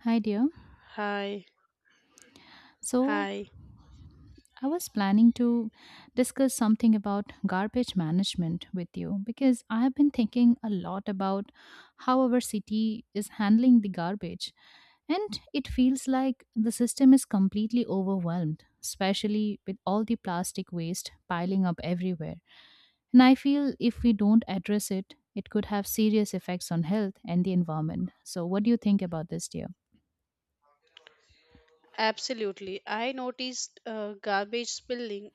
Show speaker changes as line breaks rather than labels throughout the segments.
Hi, dear.
Hi,
So,
hi.
I was planning to discuss something about garbage management with you because I have been thinking a lot about how our city is handling the garbage. And it feels like the system is completely overwhelmed, especially with all the plastic waste piling up everywhere. And I feel if we don't address it, it could have serious effects on health and the environment. So, what do you think about this, dear?
Absolutely. I noticed garbage spilling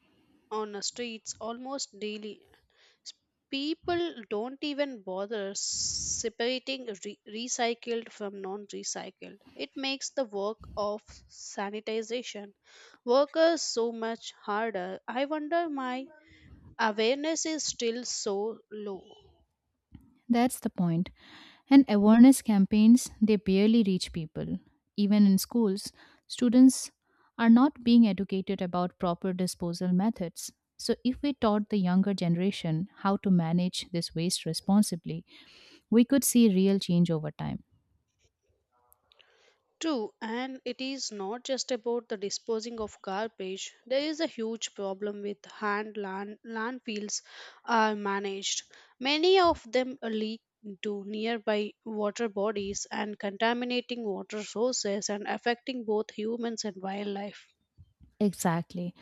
on the streets almost daily. S- People don't even bother separating recycled from non recycled. It makes the work of sanitization workers so much harder. I wonder my awareness is still so low.
That's the point. And awareness campaigns, they barely reach people. Even in schools, students are not being educated about proper disposal methods. So, if we taught the younger generation how to manage this waste responsibly, we could see real change over time.
True, and it is not just about the disposing of garbage. There is a huge problem with landfills are managed. Many of them leak into nearby water bodies and contaminating water sources and affecting both humans and wildlife.
Exactly.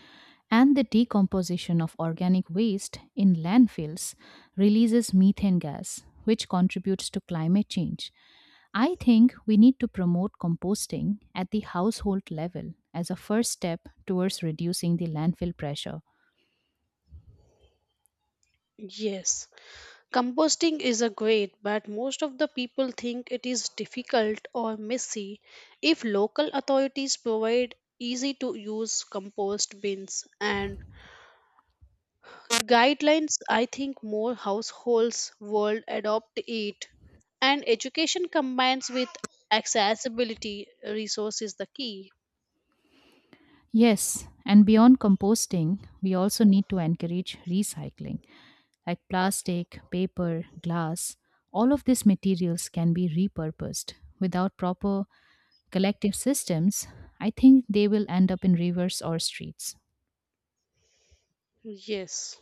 And the decomposition of organic waste in landfills releases methane gas, which contributes to climate change. I think we need to promote composting at the household level as a first step towards reducing the landfill pressure.
Yes, composting is a great, but most of the people think it is difficult or messy. If local authorities provide easy to use compost bins and guidelines, I think more households will adopt it. And education combines with accessibility resource is the key.
Yes, and beyond composting, we also need to encourage recycling, like plastic, paper, glass. All of these materials can be repurposed without proper collective systems, I think they will end up in rivers or streets.
Yes,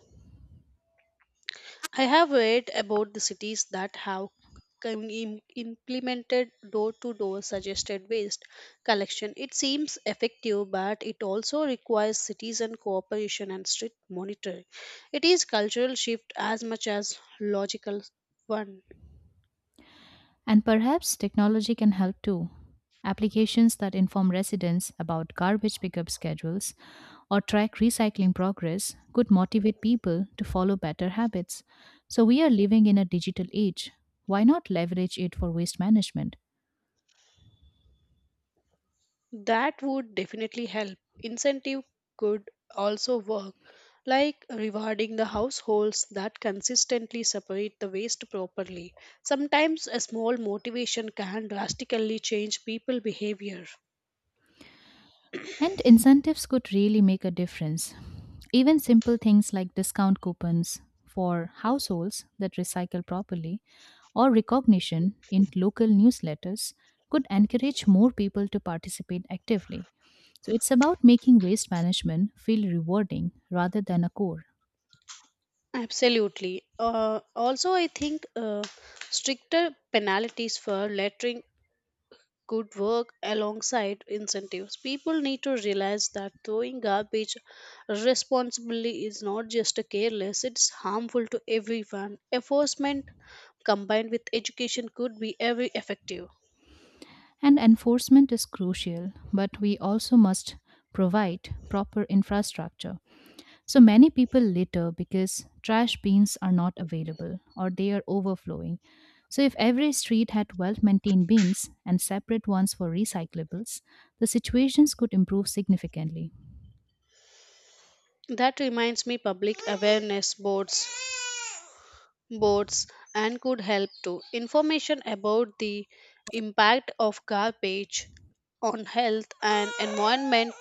I have read about the cities that have implemented door to door suggested waste collection. It seems effective, but it also requires citizen cooperation and strict monitoring. It is cultural shift as much as logical one.
And perhaps technology can help too. Applications that inform residents about garbage pickup schedules or track recycling progress could motivate people to follow better habits. So, we are living in a digital age. Why not leverage it for waste management?
That would definitely help. Incentive could also work, like rewarding the households that consistently separate the waste properly. Sometimes a small motivation can drastically change people behavior.
And incentives could really make a difference. Even simple things like discount coupons for households that recycle properly or recognition in local newsletters could encourage more people to participate actively. So it's about making waste management feel rewarding rather than a chore.
Absolutely. Also, I think stricter penalties for littering could work alongside incentives. People need to realize that throwing garbage responsibly is not just careless, it's harmful to everyone. Enforcement combined with education could be very effective.
And enforcement is crucial, but we also must provide proper infrastructure. So many people litter because trash bins are not available or they are overflowing. So, if every street had well maintained bins and separate ones for recyclables, the situations could improve significantly.
That reminds me public awareness boards boards and could help too. Information about the impact of garbage on health and environment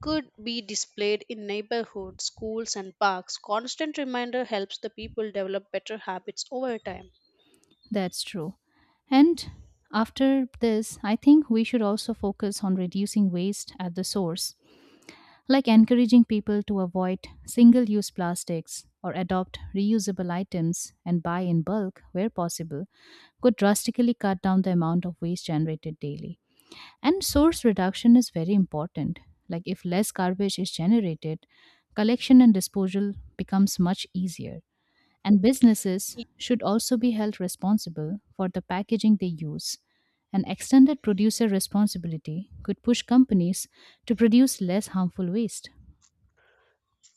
could be displayed in neighborhoods, schools, and parks. Constant reminder helps the people develop better habits over time.
That's true. And after this, I think we should also focus on reducing waste at the source like encouraging people to avoid single use plastics or adopt reusable items and buy in bulk where possible, could drastically cut down the amount of waste generated daily. And source reduction is very important. Like, if less garbage is generated, collection and disposal becomes much easier. And businesses should also be held responsible for the packaging they use. An extended producer responsibility could push companies to produce less harmful waste.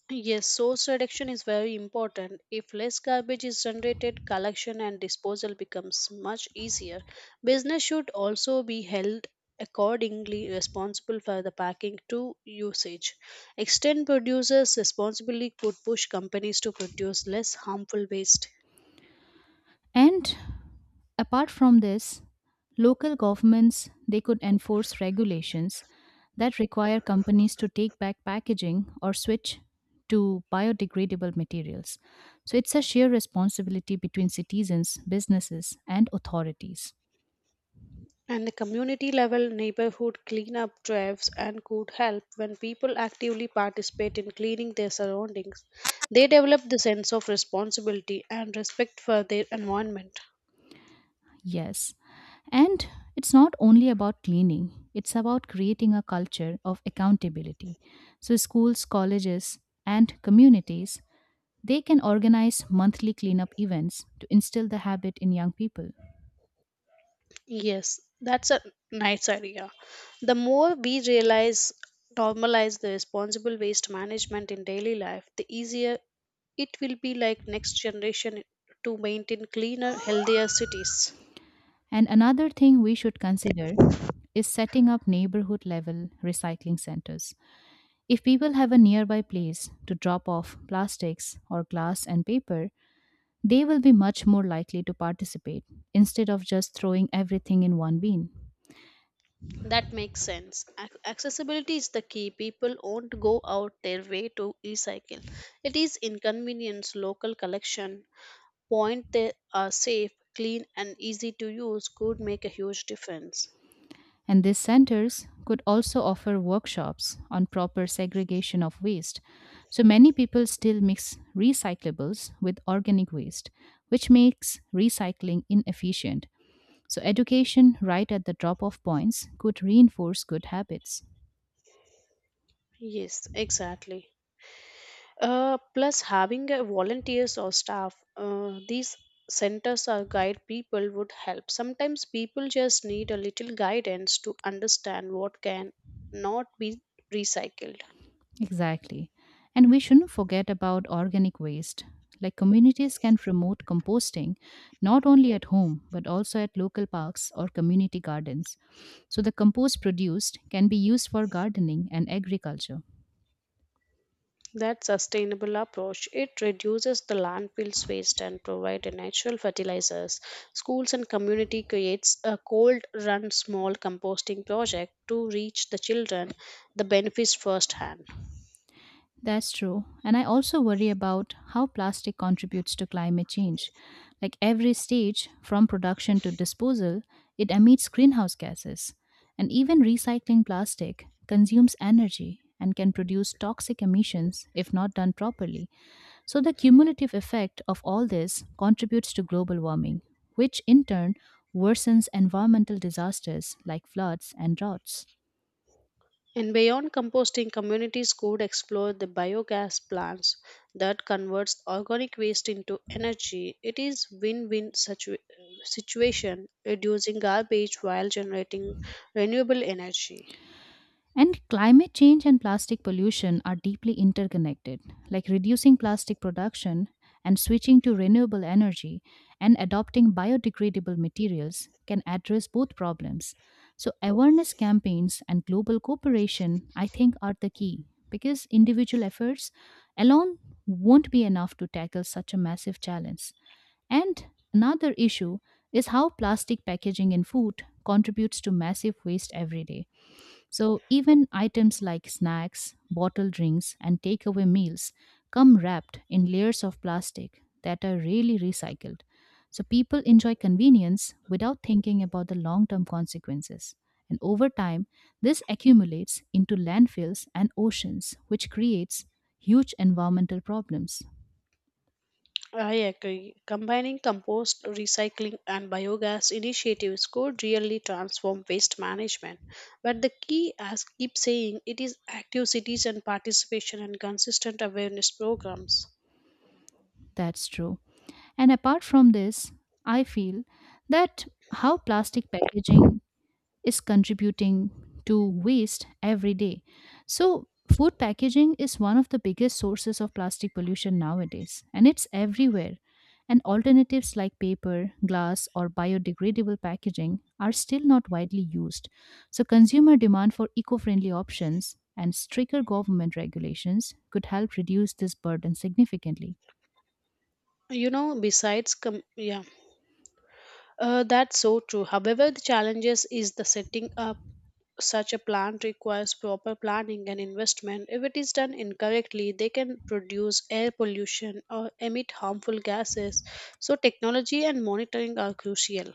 Yes, source reduction is very important. If less garbage is generated, collection and disposal becomes much easier. Business should also be held accordingly responsible for the packing to usage. Extend producers' responsibility could push companies to produce less harmful waste.
And apart from this, local governments they could enforce regulations that require companies to take back packaging or switch to biodegradable materials. So it's a shared responsibility between citizens, businesses, and authorities.
And the community level neighborhood cleanup drives and could help when people actively participate in cleaning their surroundings. They develop the sense of responsibility and respect for their environment.
Yes. And it's not only about cleaning, it's about creating a culture of accountability. So, schools, colleges, and communities, they can organize monthly cleanup events to instill the habit in young people.
Yes, that's a nice idea. The more we realize, normalize the responsible waste management in daily life, the easier it will be like next generation to maintain cleaner, healthier cities.
And another thing we should consider is setting up neighborhood level recycling centers. If people have a nearby place to drop off plastics or glass and paper, they will be much more likely to participate instead of just throwing everything in one bin.
That makes sense. Accessibility is the key. People won't go out their way to recycle. It is inconvenience. Local collection point they are safe, clean, and easy to use could make a huge difference.
And these centers could also offer workshops on proper segregation of waste. So many people still mix recyclables with organic waste, which makes recycling inefficient. So, education right at the drop off points could reinforce good habits.
Yes, exactly. Plus, having a volunteers or staff, these centers or guide people would help. Sometimes people just need a little guidance to understand what can not be recycled.
Exactly. And we shouldn't forget about organic waste. Like communities can promote composting not only at home but also at local parks or community gardens. So the compost produced can be used for gardening and agriculture.
That sustainable approach, it reduces the landfill's waste and provide a natural fertilizers. Schools and community creates a cold run small composting project to reach the children the benefits firsthand.
That's true. And I also worry about how plastic contributes to climate change. Like every stage, from production to disposal, it emits greenhouse gases. And even recycling plastic consumes energy and can produce toxic emissions if not done properly. So, the cumulative effect of all this contributes to global warming, which in turn worsens environmental disasters like floods and droughts.
And beyond composting, communities could explore the biogas plants that converts organic waste into energy. It is win-win situation, reducing garbage while generating renewable energy.
And climate change and plastic pollution are deeply interconnected. Like reducing plastic production and switching to renewable energy and adopting biodegradable materials can address both problems. So, awareness campaigns and global cooperation, I think, are the key because individual efforts alone won't be enough to tackle such a massive challenge. And another issue is how plastic packaging in food contributes to massive waste every day. So, even items like snacks, bottled drinks, and takeaway meals come wrapped in layers of plastic that are rarely recycled. So, people enjoy convenience without thinking about the long term consequences. And over time, this accumulates into landfills and oceans, which creates huge environmental problems.
I agree. Combining compost, recycling, and biogas initiatives could really transform waste management. But the key, as keep saying, it is active citizen participation and consistent awareness programs.
That's true. And apart from this, I feel that how plastic packaging is contributing to waste every day. So, food packaging is one of the biggest sources of plastic pollution nowadays, and it's everywhere. And alternatives like paper, glass, or biodegradable packaging are still not widely used. So, consumer demand for eco friendly options and stricter government regulations could help reduce this burden significantly.
You know, besides, yeah. That's so true. However, the challenges is the setting up such a plant requires proper planning and investment. If it is done incorrectly, they can produce air pollution or emit harmful gases. So, technology and monitoring are crucial.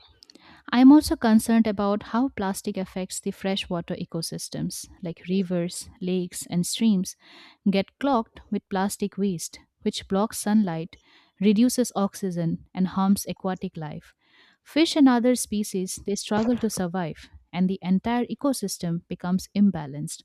I'm also concerned about how plastic affects the freshwater ecosystems, like rivers, lakes, and streams, get clogged with plastic waste, which blocks sunlight, reduces oxygen, and harms aquatic life. Fish and other species, they struggle to survive, and the entire ecosystem becomes imbalanced.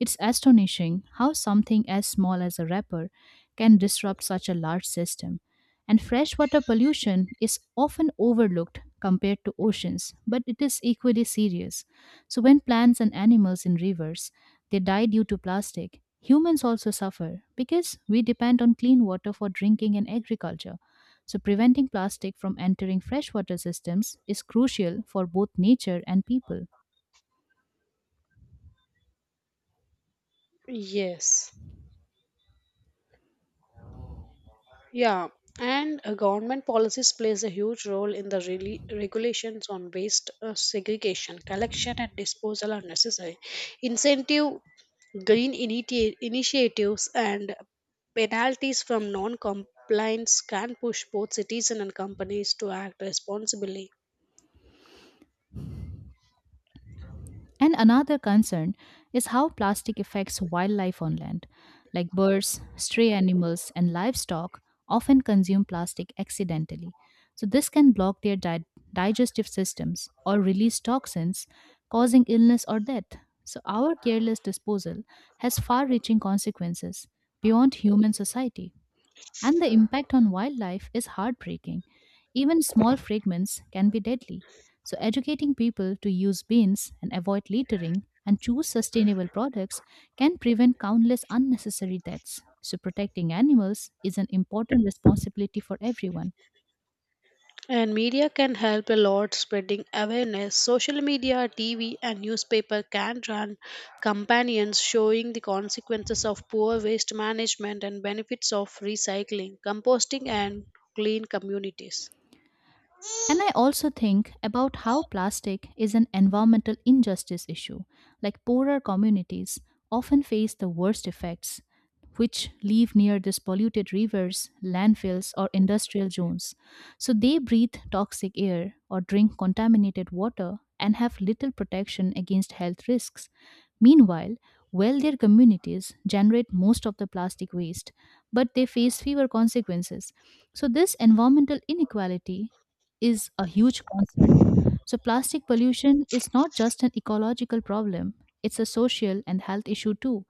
It's astonishing how something as small as a wrapper can disrupt such a large system. And freshwater pollution is often overlooked compared to oceans, but it is equally serious. So, when plants and animals in rivers they die due to plastic, humans also suffer because we depend on clean water for drinking and agriculture. So, preventing plastic from entering freshwater systems is crucial for both nature and people.
Yes. Yeah, and government policies plays a huge role in the really regulations on waste segregation, collection and disposal are necessary. Incentive, green initiatives and penalties from non-compliance can push both citizens and companies to act responsibly.
And another concern is how plastic affects wildlife on land, like birds, stray animals, and livestock often consume plastic accidentally. So, this can block their digestive systems or release toxins, causing illness or death. So, our careless disposal has far reaching consequences beyond human society and the impact on wildlife is heartbreaking. Even small fragments can be deadly. So, educating people to use bins and avoid littering and choose sustainable products can prevent countless unnecessary deaths. So, protecting animals is an important responsibility for everyone.
And media can help a lot spreading awareness. Social media, TV, and newspaper can run companions showing the consequences of poor waste management and benefits of recycling, composting, and clean communities.
And I also think about how plastic is an environmental injustice issue, like poorer communities often face the worst effects, which live near these polluted rivers, landfills, or industrial zones. So they breathe toxic air or drink contaminated water and have little protection against health risks. Meanwhile, wealthier communities generate most of the plastic waste, but they face fewer consequences. So, this environmental inequality is a huge concern. So, plastic pollution is not just an ecological problem, it's a social and health issue too.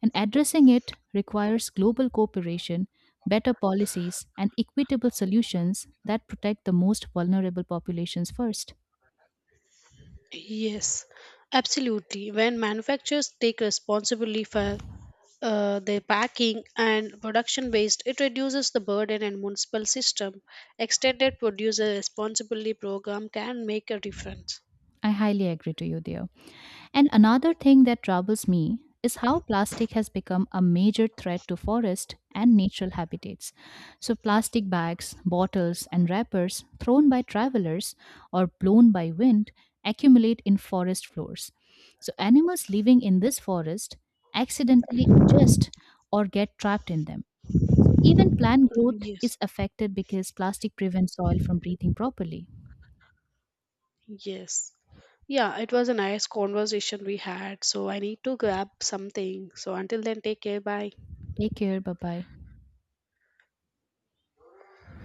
And addressing it requires global cooperation, better policies, and equitable solutions that protect the most vulnerable populations first.
Yes, absolutely. When manufacturers take responsibility for their packing and production waste, it reduces the burden and municipal system. Extended producer responsibility program can make a difference.
I highly agree to you there. And another thing that troubles me is how plastic has become a major threat to forest and natural habitats. So plastic bags, bottles and wrappers thrown by travelers or blown by wind accumulate in forest floors. So animals living in this forest accidentally ingest or get trapped in them. So even plant growth
Yes.
is affected because plastic prevents soil from breathing properly.
Yes. Yeah, it was a nice conversation we had. So I need to grab something. So until then, take care. Bye.
Take care, bye bye.